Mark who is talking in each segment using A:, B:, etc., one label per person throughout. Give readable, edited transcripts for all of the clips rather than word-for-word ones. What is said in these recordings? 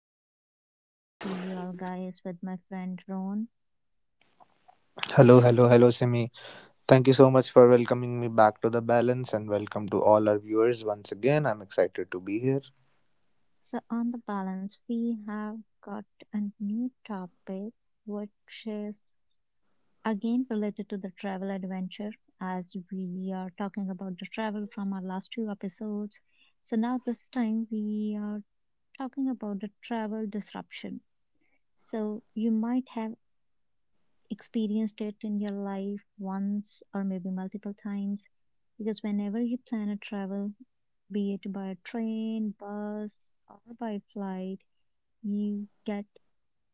A: again here to see you all guys with my friend Ron.
B: Hello, hello, hello, Simi. Thank you so much for welcoming me back to the balance and welcome to all our viewers once again. I'm excited to be here.
A: So, on The Balance, we have got a new topic which is again related to the travel adventure, as we are talking about the travel from our last two episodes. So, now this time we are talking about the travel disruption. So, you might have experienced it in your life once or maybe multiple times, because whenever you plan a travel, be it by a train, bus, or by flight, you get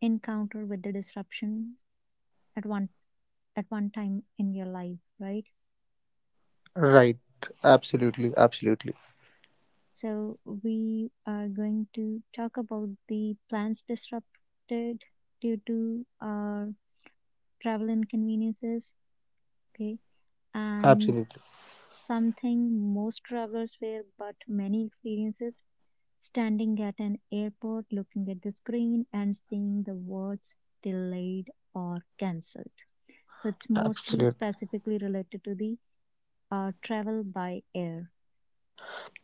A: encounter with the disruption at one at one time in your life, right?
B: Right. Absolutely, absolutely,
A: So we are going to talk about the plans disrupted due to our travel inconveniences, okay, and
B: absolutely,
A: something most travelers fear, but many experiences. Standing at an airport, looking at the screen, and seeing the words delayed or cancelled. So it's mostly
B: absolutely,
A: specifically related to the travel by air.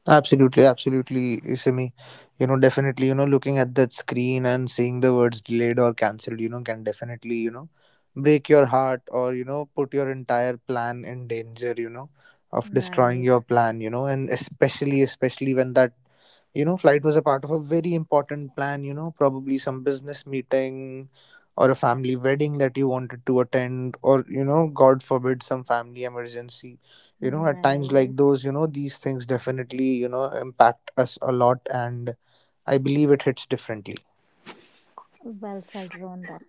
B: absolutely, absolutely, Simi. Definitely, looking at that screen and seeing the words delayed or cancelled, you know, can definitely, break your heart, or put your entire plan in danger of destroying
A: Right,
B: your plan, you know, and especially, especially when that flight was a part of a very important plan, probably some business meeting, or a family wedding that you wanted to attend, or God forbid some family emergency. At times like
A: right.
B: those, these things definitely impact us a lot, and I believe it hits differently.
A: Well said, Ron, that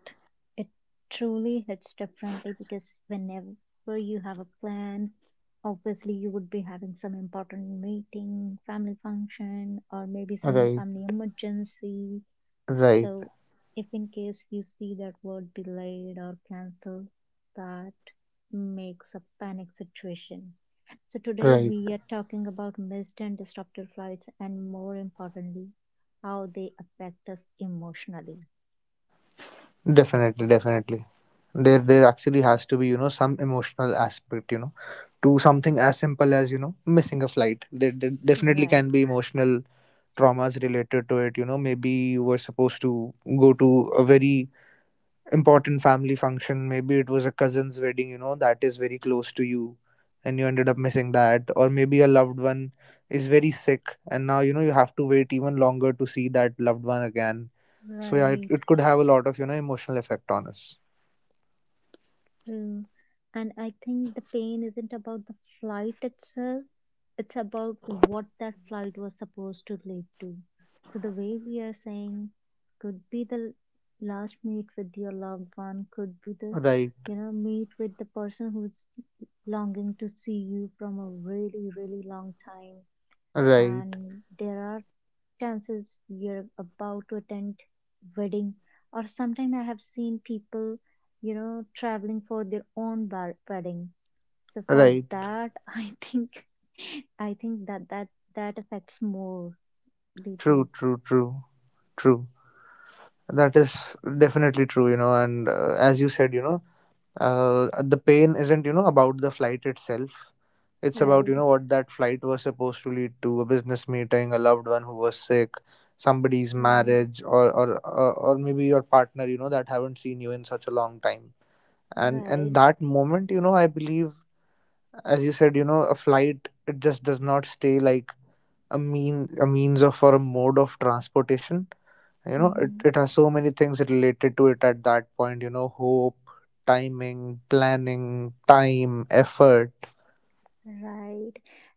A: it truly hits differently, because whenever you have a plan, obviously you would be having some important meeting, family function, or maybe some
B: Right.
A: family emergency.
B: Right.
A: So, if in case you see that word delayed or cancelled, that makes a panic situation. So, today
B: Right.
A: we are talking about missed and disrupted flights, and more importantly, how they affect us emotionally.
B: Definitely, definitely. There actually has to be some emotional aspect, to something as simple as missing a flight. There definitely
A: Right,
B: can be emotional traumas related to it. Maybe you were supposed to go to a very important family function. Maybe it was a cousin's wedding, that is very close to you, and you ended up missing that. Or maybe a loved one is very sick, and now you have to wait even longer to see that loved one again. So yeah, it,
A: right,
B: it could have a lot of emotional effect on us.
A: true. And I think the pain isn't about the flight itself, it's about what that flight was supposed to lead to. So, the way we are saying, could be the last meet with your loved one, could be the
B: Right.
A: meet with the person who's longing to see you from a really, really long time.
B: Right.
A: And there are chances you're about to attend wedding, or sometimes I have seen people traveling for their own wedding. So for
B: Right.
A: that i think I think that that affects more deeply,
B: True, true, true. True. That is definitely true. And as you said, the pain isn't, about the flight itself. It's about,
A: right?
B: what that flight was supposed to lead to. A business meeting, a loved one who was sick, somebody's
A: Right,
B: marriage, or maybe your partner, that haven't seen you in such a long time. And
A: right.
B: that moment, I believe, as you said, a flight it just does not stay like a means of, or a mode of transportation. It,
A: Mhm.
B: it has so many things related to it at that point. Hope, timing, planning, time, effort.
A: Right.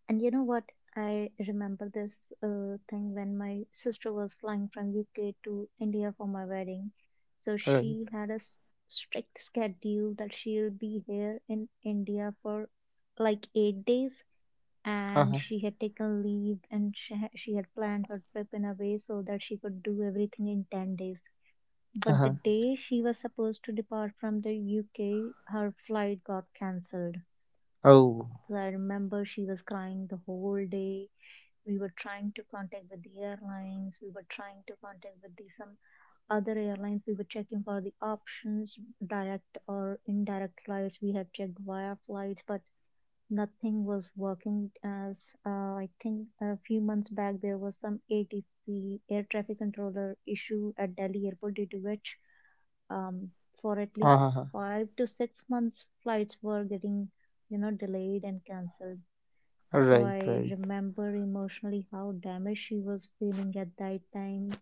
A: And you know what? I remember this thing when my sister was flying from UK to India for my wedding. So
B: Right.
A: she had a strict schedule that she'll be here in India for like 8 days. And
B: Uh-huh.
A: she had taken leave, and she had planned her trip in a way so that she could do everything in 10 days. But the
B: Uh-huh.
A: day she was supposed to depart from the UK, her flight got cancelled,
B: Oh.
A: so I remember she was crying the whole day. We were trying to contact with the airlines. We were trying to contact with the some other airlines. We were checking for the options, direct or indirect flights. We have checked via flights, but nothing was working. As I think a few months back, there was some ATC air traffic controller issue at Delhi airport, due to which um, for at least
B: Uh-huh.
A: 5 to 6 months, flights were getting delayed and cancelled. So
B: Right.
A: I
B: Right.
A: remember emotionally how damaged she was feeling at that time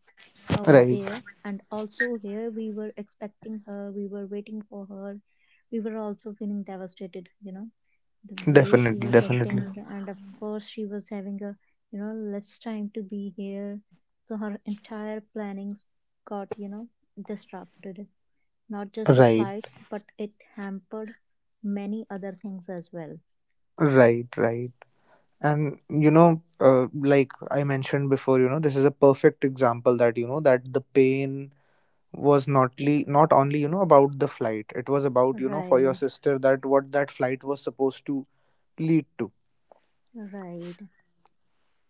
A: over
B: Right.
A: there. And also here we were expecting her, we were waiting for her. We were also feeling devastated the way she
B: Definitely,
A: was
B: definitely.
A: acting. And of course, she was having a less time to be here. So her entire plannings got disrupted. Not just the
B: Right.
A: flight, but it hampered many other things as well.
B: Right. Right. And, like I mentioned before, this is a perfect example that, that the pain was not only, about the flight. It was about, for your
A: Right,
B: sister, that what that flight was supposed to lead to.
A: right.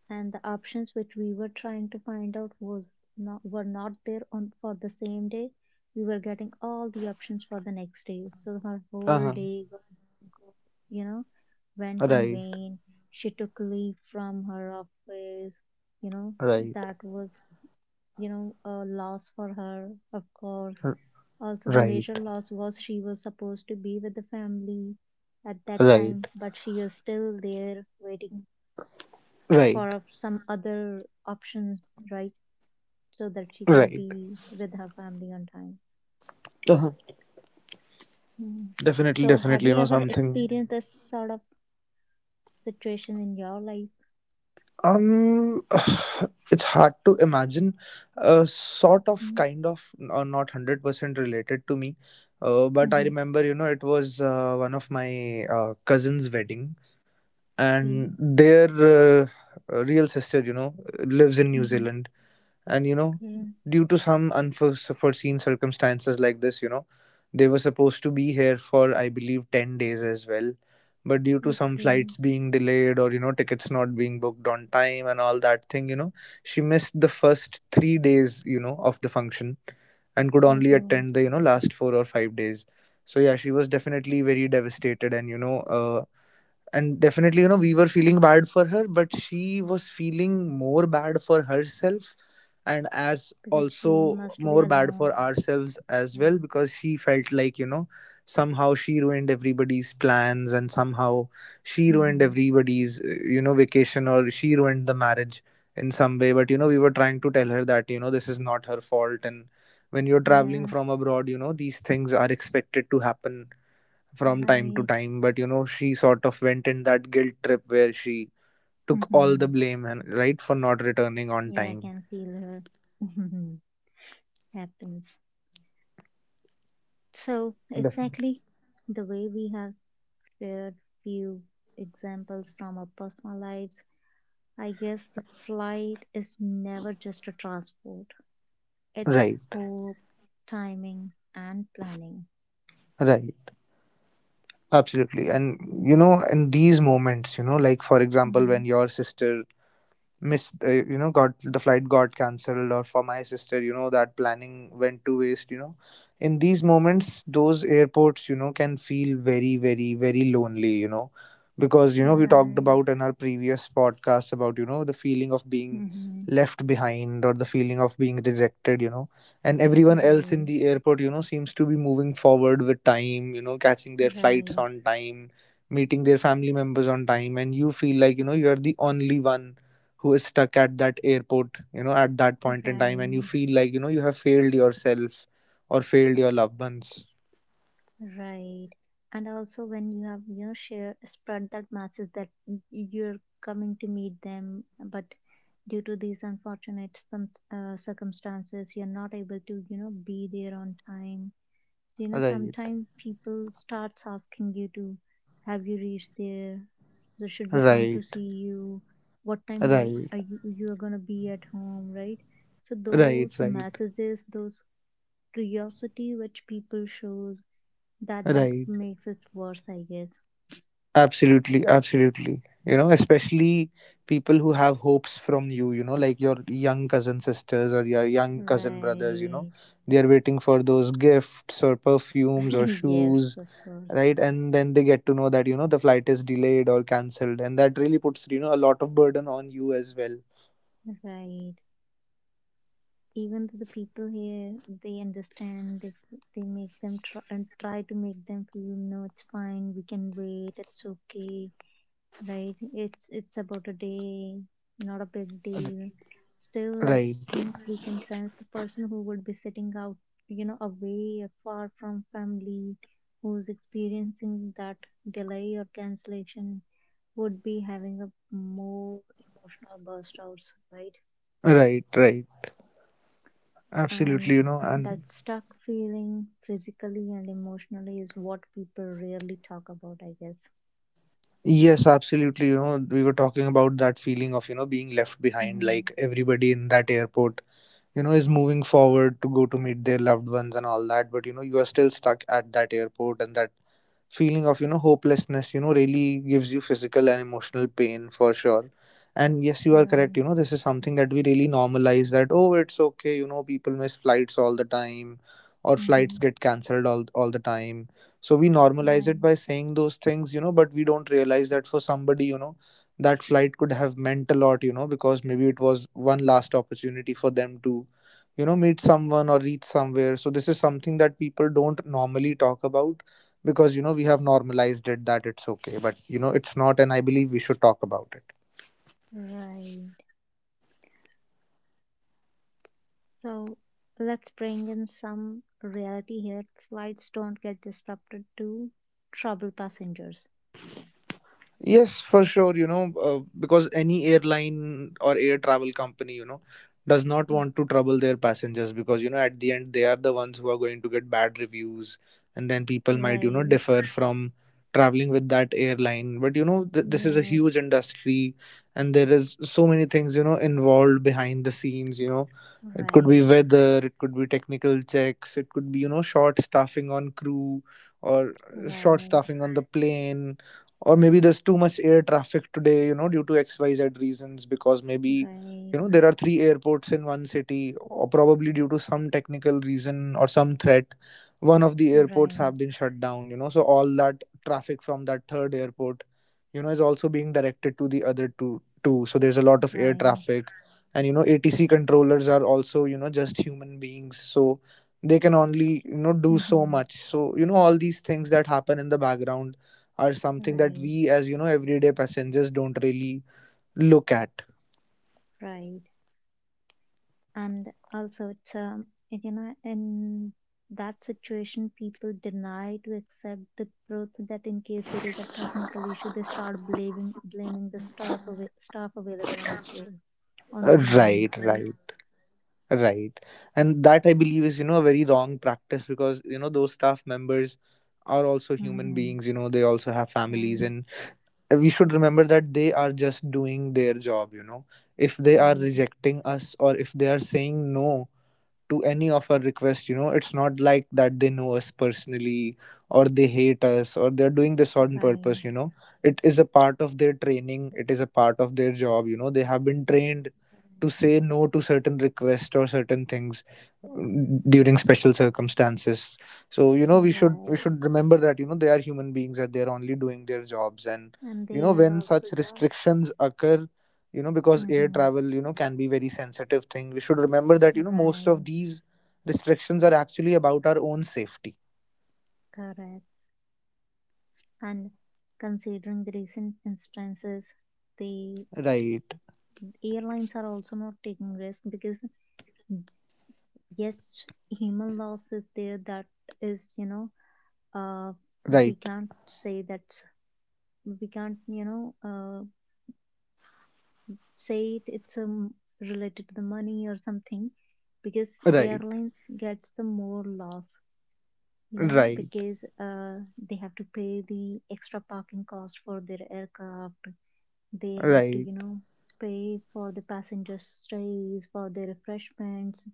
A: And the options which we were trying to find out was not were not there on for the same day. We were getting all the options for the next day, so her whole
B: Uh-huh.
A: day go, go, you know went in
B: Right,
A: vain. She took leave from her office you know
B: right,
A: that was a loss for her, of course.
B: r-
A: Also, the major
B: right,
A: loss was she was supposed to be with the family at that time,
B: right,
A: but she is still there waiting for
B: right,
A: of some other options, right? So that she can
B: right.
A: be with her family on time.
B: Uh-huh.
A: Mm.
B: Definitely,
A: So, have
B: definitely. You
A: you
B: know
A: ever
B: something.
A: experienced this sort of situation in your life?
B: Um, it's hard to imagine. Sort of,
A: Mm,
B: kind of, not 100% related to me. But I
A: mhm.
B: remember, it was one of my cousin's wedding,
A: Okay,
B: and their real sister, lives in New
A: mhm.
B: Zealand. And
A: Okay,
B: due to some unforeseen circumstances like this, they were supposed to be here for, I believe, 10 days as well. But due to some
A: okay.
B: flights being delayed, or tickets not being booked on time, and all that thing, she missed the first 3 days, of the function, and could
A: Oh,
B: only
A: oh.
B: attend the, last 4 or 5 days. So yeah, she was definitely very devastated, and definitely, we were feeling bad for her, but she was feeling more bad for herself, and as
A: Because
B: also
A: she must be
B: more bad for
A: alone.
B: ourselves as well,
A: Right.
B: because she felt like, somehow she ruined everybody's plans, and somehow she ruined
A: Mhm.
B: everybody's vacation, or she ruined the marriage in some way. But we were trying to tell her that, this is not her fault. And when you're traveling
A: Yeah,
B: from abroad, these things are expected to happen from time to
A: right.
B: time. But she sort of went in that guilt trip where she took all the
A: Mhm.
B: blame and right for not returning on
A: Yeah, I
B: time.
A: can feel her. Happens. So,
B: Definitely.
A: exactly the way we have spare few examples from our personal lives, I guess the flight is never just a transport. It's
B: Right.
A: hope, timing, and planning.
B: Right. Absolutely. And in these moments, like for example, when
A: Hmm.
B: your sister missed you know got the flight got cancelled, or for my sister, that planning went to waste, in these moments, those airports, can feel very, very, very lonely. Because, we talked
A: Right.
B: about in our previous podcast about, the feeling of being
A: Hmm.
B: left behind, or the feeling of being rejected. And everyone else in
A: Right.
B: the airport, seems to be moving forward with time, catching their flights
A: Right.
B: on time, meeting their family members on time, and you feel like, you are the only one who is stuck at that airport, at that point in time, and you
A: Right.
B: feel like, you have failed yourself, or failed your loved ones.
A: Right. And also when you have, you know, share spread that message that you're coming to meet them, but due to these unfortunate some, circumstances, you're not able to, you know, be there on time.
B: Right,
A: Sometimes people starts asking you to, have you reached there? So should we come to
B: right,
A: see you? What time are,
B: right,
A: are you are gonna be at home, right? So
B: right,
A: those
B: right,
A: messages, those curiosity which people shows, that
B: right.
A: makes it worse, I guess.
B: Absolutely, absolutely. Especially people who have hopes from you, like your young cousin sisters or your young cousin brothers,
A: Right.
B: they are waiting for those gifts or perfumes or
A: Yes,
B: shoes.
A: of course.
B: Right. And then they get to know that, the flight is delayed or cancelled, and that really puts, a lot of burden on you as well.
A: Right. Even though the people here, they understand, they make them try and try to make them feel no it's fine, we can wait, it's okay, right, it's about a day, not a big deal, still I
B: Right.
A: think we can sense the person who would be sitting out away far from family, who's experiencing that delay or cancellation, would be having a more emotional burst outs, right.
B: Right. Right.
A: And
B: Absolutely. And
A: that stuck feeling, physically and emotionally, is what people rarely talk about, I guess.
B: yes, absolutely, we were talking about that feeling of, being left behind,
A: Hmm.
B: like everybody in that airport, is moving forward to go to meet their loved ones and all that. But you are still stuck at that airport, and that feeling of, hopelessness, really gives you physical and emotional pain for sure. And yes, you are correct,
A: Right.
B: this is something that we really normalize, that, oh, it's okay, people miss flights all the time, or flights
A: Hmm.
B: get cancelled all the time. So we normalize it
A: Right.
B: by saying those things, but we don't realize that for somebody, that flight could have meant a lot, because maybe it was one last opportunity for them to, meet someone or reach somewhere. So this is something that people don't normally talk about, because we have normalized it that it's okay, but it's not. And I believe we should talk about it.
A: Right. So let's bring in some reality here. Flights don't get disrupted to trouble passengers.
B: Yes, for sure, because any airline or air travel company, does not
A: Mm.
B: want to trouble their passengers because, at the end, they are the ones who are going to get bad reviews. And then people might,
A: Right,
B: differ from traveling with that airline. But, this is a
A: yes,
B: huge industry, and there is so many things, involved behind the scenes. It could be
A: right,
B: weather, it could be technical checks, it could be, short staffing on crew, or short
A: right,
B: staffing on the plane, or maybe there's too much air traffic today, due to XYZ reasons, because maybe,
A: right,
B: there are three airports in one city, or probably due to some technical reason or some threat one of the airports have
A: right,
B: been shut down. So all that traffic from that third airport, is also being directed to the other two, so there's a lot of air
A: right.
B: traffic. And ATC controllers are also, just human beings, so they can only, do so
A: Hmm.
B: much. So all these things that happen in the background are something that
A: Right,
B: we, as, everyday passengers, don't really look at.
A: right. And also it's in that situation, people deny to accept the truth that in case there is a technical issue, they start blaming the staff available on the floor, on the ground,
B: Right.
A: right?
B: Right. Right. And that, I believe, is a very wrong practice, because those staff members are also human
A: Mm-hmm.
B: beings. They also have families,
A: Right,
B: and we should remember that they are just doing their job. If they are
A: right,
B: rejecting us, or if they are saying no to any of our requests, it's not like that they know us personally, or they hate us, or they're doing this on
A: right.
B: purpose. It is a part of their training, it is a part of their job. They have been trained to
A: Right.
B: say no to certain requests or certain things, during special circumstances. So we should we
A: Right.
B: should remember that, they are human beings, that they're only doing their jobs. And
A: And they are
B: when
A: also
B: such restrictions occur, because air
A: Mm-hmm.
B: travel, can be very sensitive thing, we should remember that, most of
A: Right,
B: these restrictions are actually about our own safety.
A: correct. And considering the recent instances, the.
B: Right.
A: Airlines are also not taking risk, because yes, human loss is there, that is uh we
B: Right.
A: can't say that, we can't say it's related to the money or something, because
B: Right.
A: airlines gets the more loss
B: Right.
A: because they have to pay the extra parking cost for their aircraft. They have to
B: Right.
A: pay for the passenger stays, for the refreshments.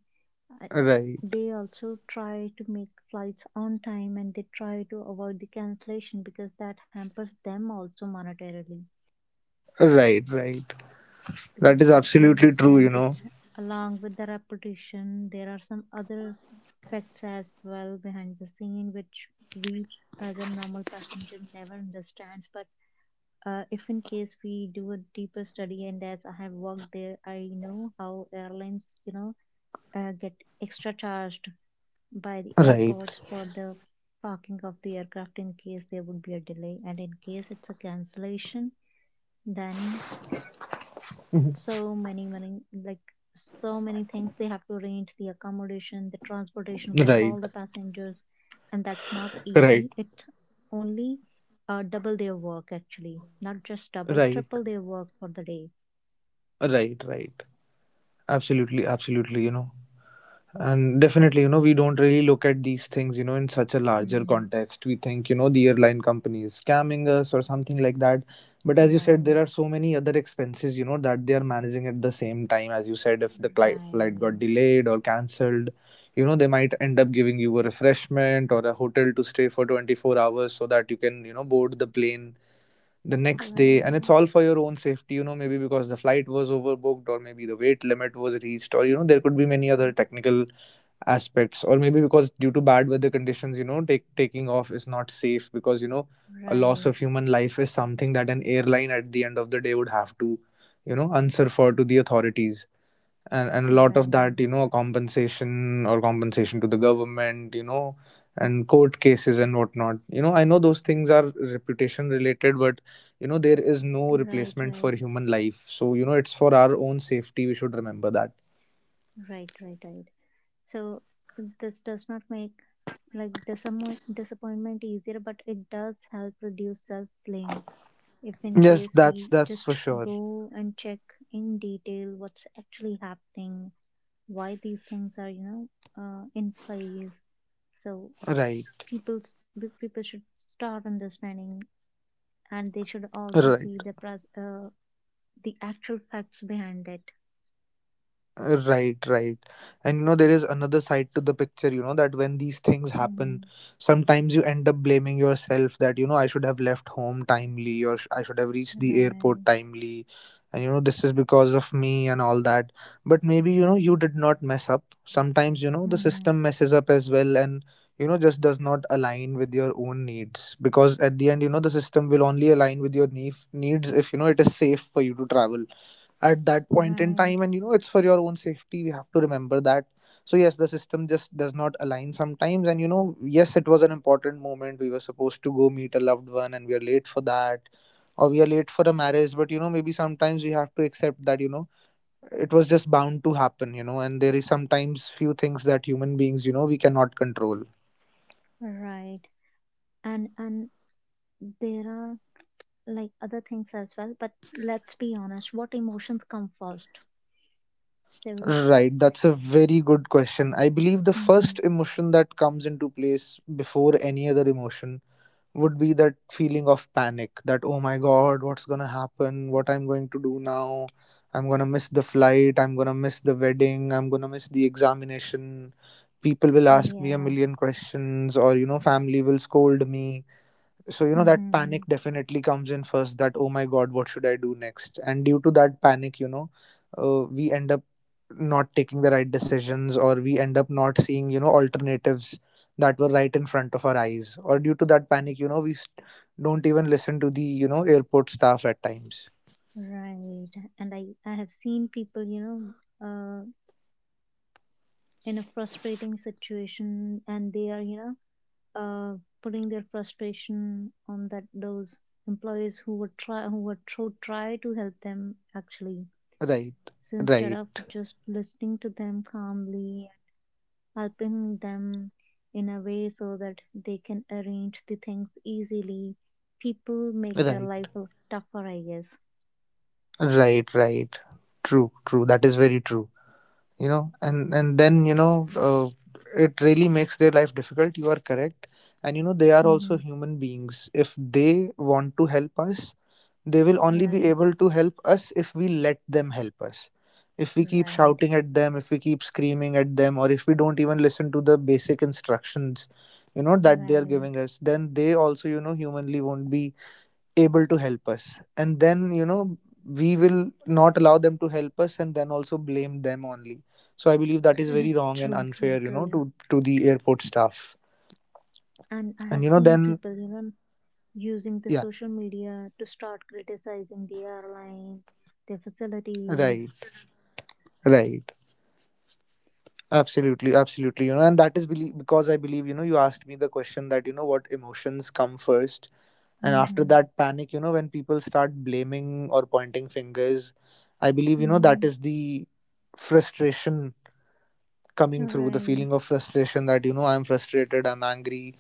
B: Right.
A: They also try to make flights on time, and they try to avoid the cancellation, because that hampers them also monetarily,
B: Right. Right.
A: because
B: That is
A: they
B: absolutely true.
A: understand it's along with the reputation there are some other facts as well behind the scene, which we as a normal passenger never understands. But if in case we do a deeper study, and as I have worked there, I know how airlines get extra charged by the
B: Right.
A: airports for the parking of the aircraft in case there would be a delay, and in case it's a cancellation, then
B: Mhm.
A: so many many, like, so many things they have to arrange, the accommodation, the transportation for
B: Right,
A: all the passengers, and that's not
B: right,
A: easy, it only double their work, actually, not just double,
B: right,
A: triple their work for the day.
B: right, right. Absolutely, absolutely. And definitely, we don't really look at these things, in such a larger
A: Mm-hmm.
B: context. We think, the airline company is scamming us or something like that. But as you said,
A: Right,
B: there are so many other expenses, that they are managing at the same time. As you said, if the flight got
A: right,
B: delayed or cancelled, they might end up giving you a refreshment or a hotel to stay for 24 hours so that you can, board the plane the next day. And
A: right,
B: it's all for your own safety, maybe because the flight was overbooked or maybe the weight limit was reached, or there could be many other technical aspects, or maybe because due to bad weather conditions, taking off is not safe, because a loss
A: right,
B: of human life is something that an airline at the end of the day would have to, answer for to the authorities. And a lot of
A: right,
B: that, compensation or compensation to the government, and court cases and whatnot. I know those things are reputation related, but there is no
A: right,
B: replacement for
A: right,
B: human life, so it's for our own safety, we should remember that.
A: right, right, right. So this does not make like disappointment easier, but it does help reduce self blame. If in
B: Yes,
A: case
B: that's
A: we
B: that's for
A: just
B: sure.
A: go and check in detail what's actually happening, why these things are, you know, in place. So
B: Right.
A: people's the people should start understanding, and they should also
B: Right,
A: see the actual facts behind it.
B: right, right. And there is another side to the picture, that when these things happen,
A: Hmm.
B: sometimes you end up blaming yourself that, I should have left home timely, or I should have reached the airport
A: Right.
B: timely. And, this is because of me and all that. But maybe, you did not mess up. Sometimes, the
A: Hmm.
B: system messes up as well and, just does not align with your own needs. Because at the end, the system will only align with your needs if, it is safe for you to travel at that point in
A: Right.
B: time. And it's for your own safety, we have to remember that. So yes, the system just does not align sometimes. And yes, it was an important moment, we were supposed to go meet a loved one and we are late for that, or we are late for a marriage. But maybe sometimes we have to accept that, it was just bound to happen, and there is sometimes few things that human beings, we cannot control.
A: Right. And there are like other things as well, but let's be honest, what emotions come first? So.
B: Right, that's a very good question. I believe the first
A: Hmm.
B: emotion that comes into place before any other emotion would be that feeling of panic, that oh my god, what's going to happen, what I'm going to do now. I'm going to miss the flight, I'm going to miss the wedding, I'm going to miss the examination, people will ask me a
A: Yeah.
B: million questions, or family will scold me. So that panic
A: Hmm.
B: definitely comes in first, that oh my god, what should I do next. And due to that panic, we end up not taking the right decisions, or we end up not seeing, alternatives that were right in front of our eyes, or due to that panic, we don't even listen to the, airport staff at times.
A: Right. And I have seen people in a frustrating situation, and they are uh putting their frustration on that those employees who would try who would tr- try to help them, actually.
B: Right.
A: So instead of
B: Right,
A: just listening to them calmly, helping them in a way so that they can arrange the things easily. People make their life
B: right,
A: tougher, I guess.
B: right, right. True, true, that is very true. And then, it really makes their life difficult, you are correct. And they are
A: Mm-hmm.
B: also human beings, if they want to help us they will only be
A: Right,
B: able to help us if we let them help us. If we keep
A: right,
B: shouting at them, if we keep screaming at them, or if we don't even listen to the basic instructions, that they are
A: right.
B: giving us, then they also, humanly won't be able to help us, and then we will not allow them to help us and then also blame them only. So I believe that is very wrong and
A: True, true,
B: unfair,
A: true.
B: to the airport staff.
A: And I have
B: And
A: seen
B: then,
A: people, you know, using the
B: yeah.
A: social media to start criticizing the airline, their facilities.
B: Right. Right. Absolutely, absolutely. And that is because I believe, you asked me the question that, what emotions come first. And after
A: Mm-hmm.
B: that panic, when people start blaming or pointing fingers, I believe, that
A: Mm-hmm.
B: is the frustration, coming through the
A: Right,
B: feeling of frustration that, I'm frustrated, I'm angry.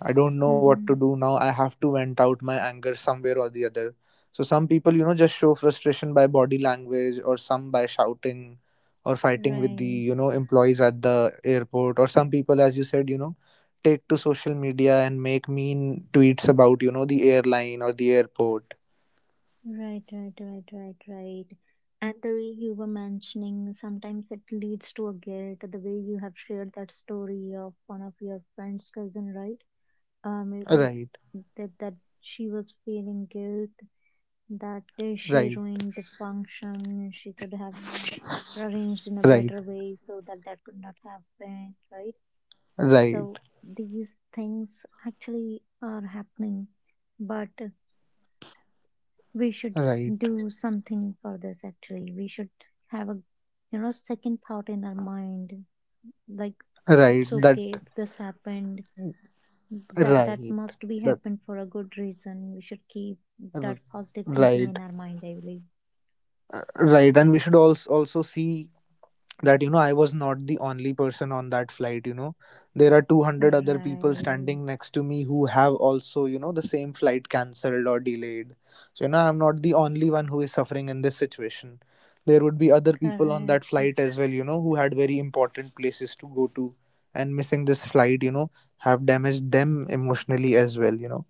B: I don't know what to
A: Mm-hmm.
B: do now, I have to vent out my anger somewhere or the other. So some people, just show frustration by body language, or some by shouting or fighting with the,
A: Right.
B: employees at the airport. Or some people, as you said, take to social media and make mean tweets about, the airline or the airport.
A: Right, right, right, right, right. And the way you were mentioning, sometimes it leads to a guilt. The way you have shared that story of one of your friend's cousin, right? It-
B: Right,
A: it- that that she was feeling guilt that day she
B: right,
A: ruined the function. She could have arranged in a
B: right,
A: better way so that that could not happen, right?
B: right,
A: So these things actually are happening, but we should
B: right,
A: do something for this actually we should have a second thought in our mind like
B: right,
A: it's
B: that,
A: okay if this happened that
B: right.
A: must be
B: That.
A: happened for a good reason. We should keep
B: R-
A: that positive thinking
B: Right.
A: in our mind, I believe.
B: Right, and we should also see that, I was not the only person on that flight. There are 200 other people standing
A: Right,
B: next to me who have also, the same flight cancelled or delayed. So I'm not the only one who is suffering in this situation. There would be other people on that
A: correct,
B: flight as well. Who had very important places to go to, and missing this flight, have damaged them emotionally as well.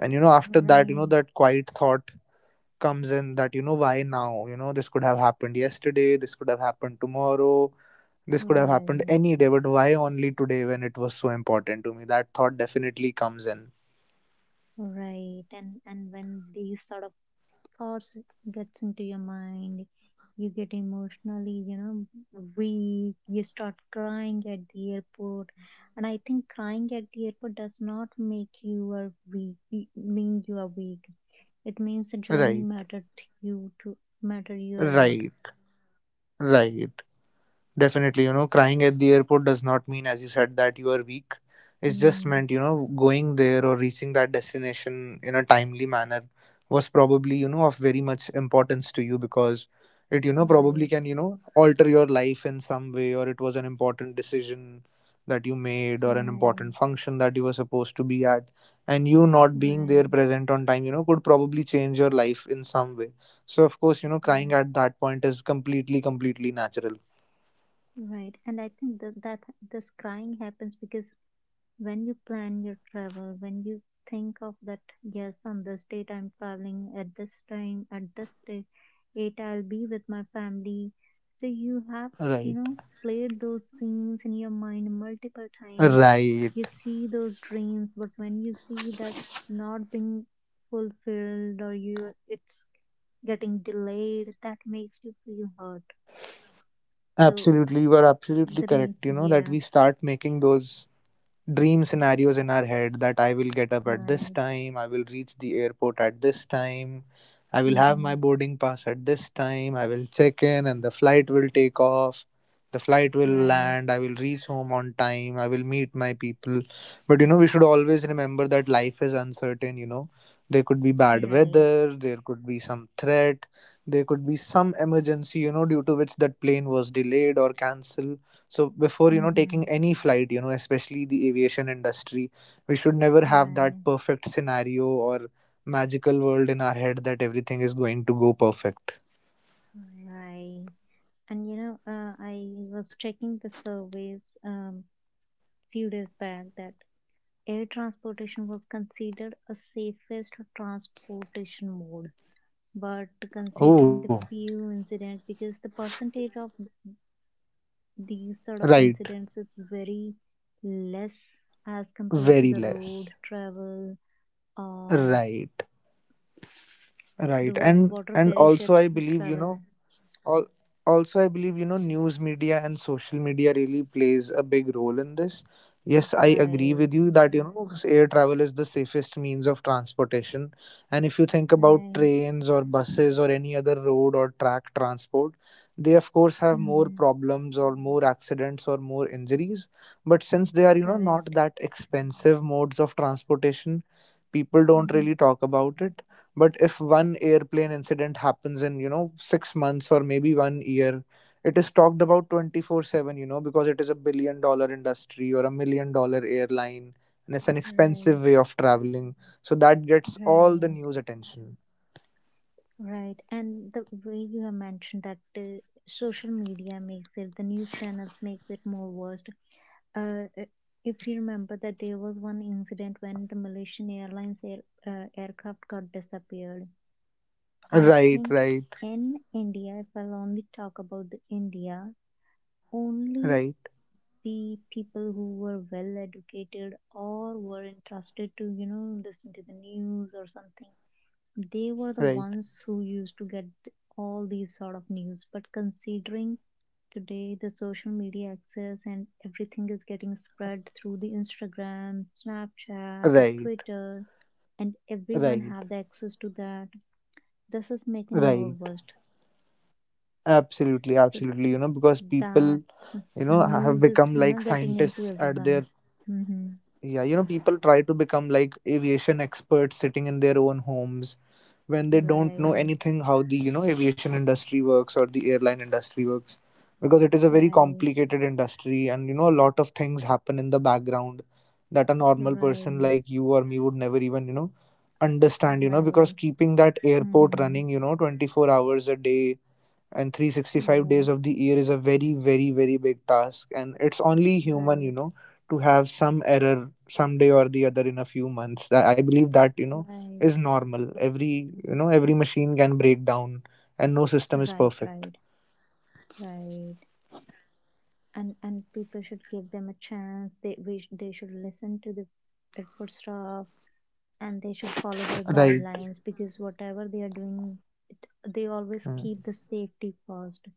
B: And after that,
A: right,
B: that quiet thought comes in, that, why now, this could have happened yesterday, this could have happened tomorrow, this could have happened
A: right,
B: any day, but why only today, when it was so important to me? That thought definitely comes in.
A: right. And when these sort of thoughts gets into your mind, you get emotionally, weak, you start crying at the airport. And I think crying at the airport does not make you a weak, mean you are weak. It means the journey
B: Right.
A: mattered to you to matter you a lot.
B: Right. Right. Definitely, crying at the airport does not mean, as you said, that you are weak. It's just
A: Hmm.
B: meant, going there or reaching that destination in a timely manner was probably, of very much importance to you, because it, probably
A: Right,
B: can, alter your life in some way, or it was an important decision that you made, or an important
A: right,
B: function that you were supposed to be at. And you not being there
A: right,
B: present on time, could probably change your life in some way. So, of course, crying
A: right,
B: at that point is completely, completely natural.
A: right. And I think that this crying happens because when you plan your travel, when you think of that, yes, on this date I'm traveling, at this time, at this date, it I'll be with my family. So you have, you
B: Right.
A: know, played those scenes in your mind multiple times.
B: Right.
A: You see those dreams, but when you see that not being fulfilled or you it's getting delayed, that makes you feel hurt. So
B: Absolutely. You are absolutely
A: three,
B: correct. That
A: yeah,
B: we start making those dream scenarios in our head, that I will get up at this
A: right,
B: time, I will reach the airport at this time, I will have my
A: mm-hmm,
B: boarding pass at this time, I will check in and the flight will take off, the flight will
A: right,
B: land, I will reach home on time, I will meet my people. But we should always remember that life is uncertain. There could be bad
A: right.
B: weather, there could be some threat, there could be some emergency, due to which that plane was delayed or cancelled. So before, taking
A: Mm-hmm.
B: any flight, especially the aviation industry, we should never have that
A: Right,
B: perfect scenario or magical world in our head that everything is going to go perfect.
A: right. And you know, I was checking the surveys few days back that air transportation was considered a safest transportation mode. But considering
B: Oh,
A: the few incidents, because the percentage of these sort of
B: right.
A: incidents is very less as compared to the
B: Very
A: road
B: less.
A: travel or
B: Right.
A: the
B: Right. And
A: water
B: and
A: ferry
B: also I
A: ships
B: believe,
A: travel.
B: Al- also I believe, news media and social media really plays a big role in this. Yes, I agree
A: Right,
B: with you that, air travel is the safest means of transportation. And if you think about
A: right.
B: trains or buses or any other road or track transport, they of course have more
A: Mm-hmm.
B: problems or more accidents or more injuries. But since they are, not
A: Correct.
B: that expensive modes of transportation, people don't
A: Hmm.
B: really talk about it. But if one airplane incident happens in, 6 months or maybe 1 year, it is talked about 24/7, because it is a billion dollar industry or a million dollar airline, and it's an
A: Right,
B: expensive way of traveling, so that gets all the
A: right,
B: news attention.
A: right. And the way you have mentioned that the social media makes it, the news channels makes it more worst. Uh, uh, if you remember that there was one incident when the Malaysian Airlines air, aircraft got disappeared. I
B: Right.
A: think
B: Right,
A: in India, if I'll only talk about the India, only
B: right,
A: the people who were well educated or were entrusted to, you know, listen to the news or something. They were the
B: right,
A: ones who used to get all these sort of news. But considering today the social media access and everything is getting spread through the Instagram, Snapchat or
B: right,
A: Twitter, and everyone
B: right,
A: have the access to that, this is making more
B: right.
A: worst.
B: Absolutely,
A: So
B: absolutely. Because people,
A: that
B: know have
A: news is,
B: become
A: you
B: like
A: know, getting into
B: scientists at their,
A: everyone. Mm-hmm.
B: yeah. People try to become like aviation experts sitting in their own homes, when they don't know
A: Right,
B: anything how the, aviation industry works or the airline industry works. Because it is a very
A: right,
B: complicated industry, and a lot of things happen in the background that a normal person
A: right,
B: like you or me would never even, understand. Because
A: right.
B: keeping that airport
A: Mm-hmm.
B: running, 24 hours a day and 365 days
A: Yes,
B: of the year, is a very very very big task. And it's only human,
A: right,
B: to have some error someday or the other in a few months, that I believe that,
A: right.
B: is normal. Every, every machine can break down, and no system is
A: Right,
B: perfect.
A: right, right. And people should give them a chance. They they should listen to the airport staff and they should follow their
B: Right.
A: guidelines because whatever they are doing, they always
B: Mm.
A: keep the safety first.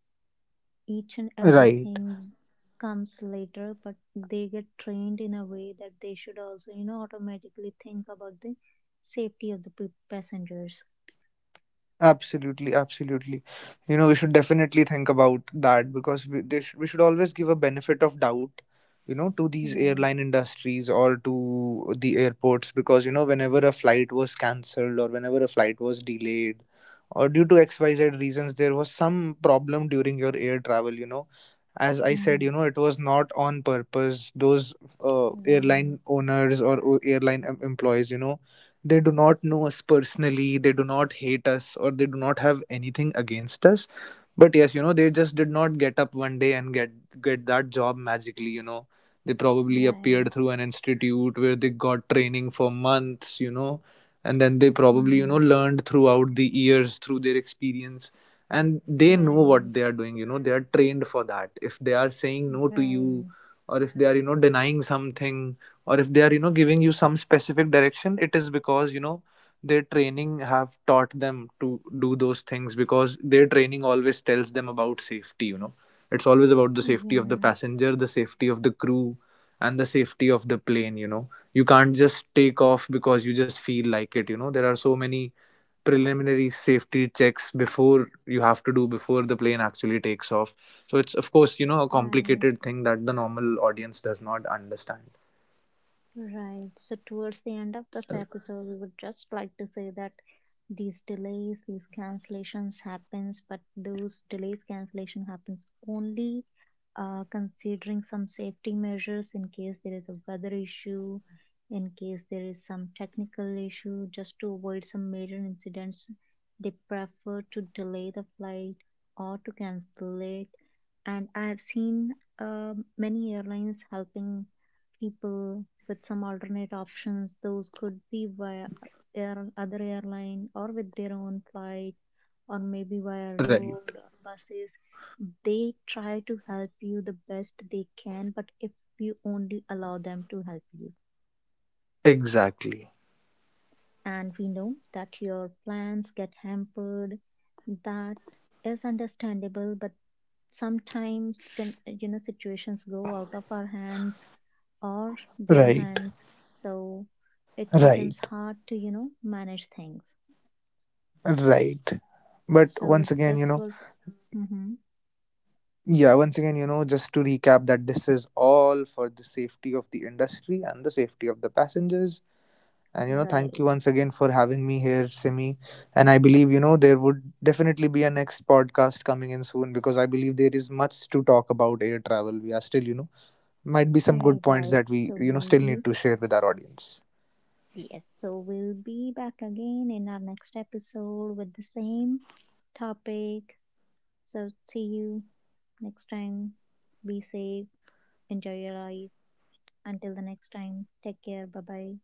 A: Each and
B: Right.
A: everything comes later, but they get trained in a way that they should also, you know, automatically think about the safety of the passengers.
B: Absolutely, absolutely. We should definitely think about that, because we should always give a benefit of doubt, to these airline
A: Right.
B: industries or to the airports. Because whenever a flight was cancelled or whenever a flight was delayed, or due to xyz reasons there was some problem during your air travel, as I said,
A: Mm-hmm.
B: it was not on purpose. Those airline
A: Right.
B: owners or airline employees, they do not know us personally, they do not hate us, or they do not have anything against us. But yes, they just did not get up one day and get that job magically. They probably appeared
A: Right.
B: through an institute where they got training for months. And then they probably,
A: Mm-hmm.
B: learned throughout the years through their experience, and they know what
A: Right.
B: they are doing. They are trained for that. If they are saying no to you,
A: Right.
B: or if they are, denying something, or if they are, giving you some specific direction, it is because, their training have taught them to do those things, because their training always tells them about safety. It's always about the safety of the
A: Yes.
B: passenger, the safety of the crew, and the safety of the plane. You can't just take off because you just feel like it. There are so many preliminary safety checks before you have to do before the plane actually takes off. So it's of course, a
A: Right.
B: complicated thing that the normal audience does not understand.
A: Right. So, towards the end of this episode, we would just like to say that these delays, these cancellations happens, but those delays cancellation happens only considering some safety measures in case there is a weather issue, in case there is some technical issue, just to avoid some major incidents. They prefer to delay the flight or to cancel it. And I have seen many airlines helping people with some alternate options. Those could be via air, other airline or with their own flight or maybe via
B: Right.
A: road or buses. They try to help you the best they can, but if you only allow them to help you.
B: Exactly.
A: And we know that your plans get hampered. That is understandable, but sometimes, you know, situations go out of our hands or their
B: Right,
A: hands, so it becomes
B: right,
A: hard to, you know, manage things.
B: right. But
A: So
B: once again,
A: this was, mhm,
B: yeah, once again, just to recap that this is all for the safety of the industry and the safety of the passengers. And thank you
A: right,
B: once again for having me here, Simi. And I believe, there would definitely be a next podcast coming in soon, because I believe there is much to talk about air travel. We are still, might be some good points
A: right.
B: that we,
A: So we'll
B: still
A: be,
B: need to share with our audience.
A: yes, so we'll be back again in our next episode with the same topic. So see you next time. Be safe, enjoy your life. Until the next time, take care, bye bye.